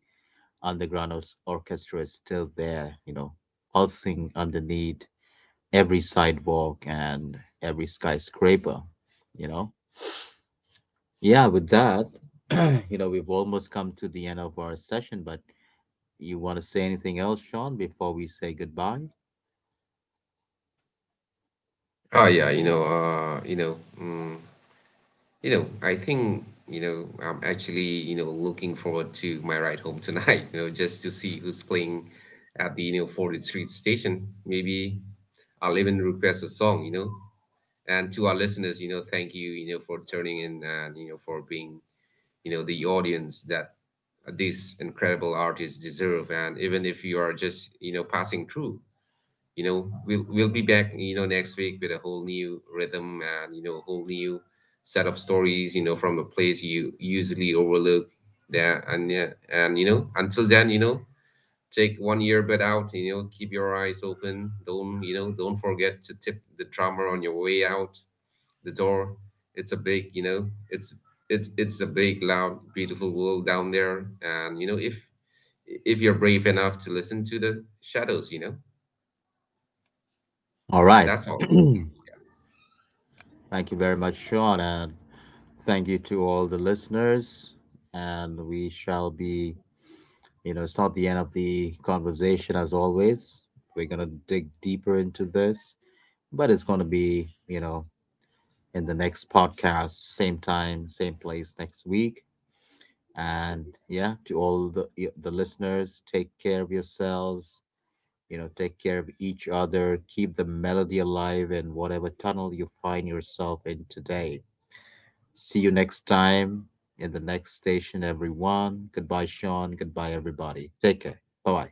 A: underground ors- orchestra is still there, you know, pulsing underneath every sidewalk and every skyscraper, you know? Yeah, with that, you know, we've almost come to the end of our session, but you want to say anything else, Sean, before we say goodbye?
B: Oh, yeah. you know uh you know mm, you know I think, you know I'm actually, you know looking forward to my ride home tonight. you know just to see who's playing at the, you know fortieth Street station. Maybe I'll even request a song. You know and to our listeners, you know thank you, you know for turning in, and, you know for being, you know the audience that these incredible artists deserve. And even if you are just, you know passing through, you know we'll we'll be back, you know next week with a whole new rhythm, and, you know a whole new set of stories, you know from a place you usually overlook there. And yeah, and, you know until then, you know take one earbud out, you know keep your eyes open. Don't you know Don't forget to tip the drummer on your way out the door. It's a big, you know, it's it's it's a big, loud, beautiful world down there. And, you know, if if you're brave enough to listen to the shadows, you know,
A: All right.
B: that's all.
A: Thank you very much, Sean, and thank you to all the listeners. And we shall be, you know, it's not the end of the conversation as always. We're going to dig deeper into this, but it's going to be, you know, in the next podcast, same time, same place next week. And yeah, to all the y- the listeners, take care of yourselves. You know, take care of each other. Keep the melody alive in whatever tunnel you find yourself in today. See you next time in the next station, everyone. Goodbye, Sean. Goodbye, everybody. Take care. Bye bye.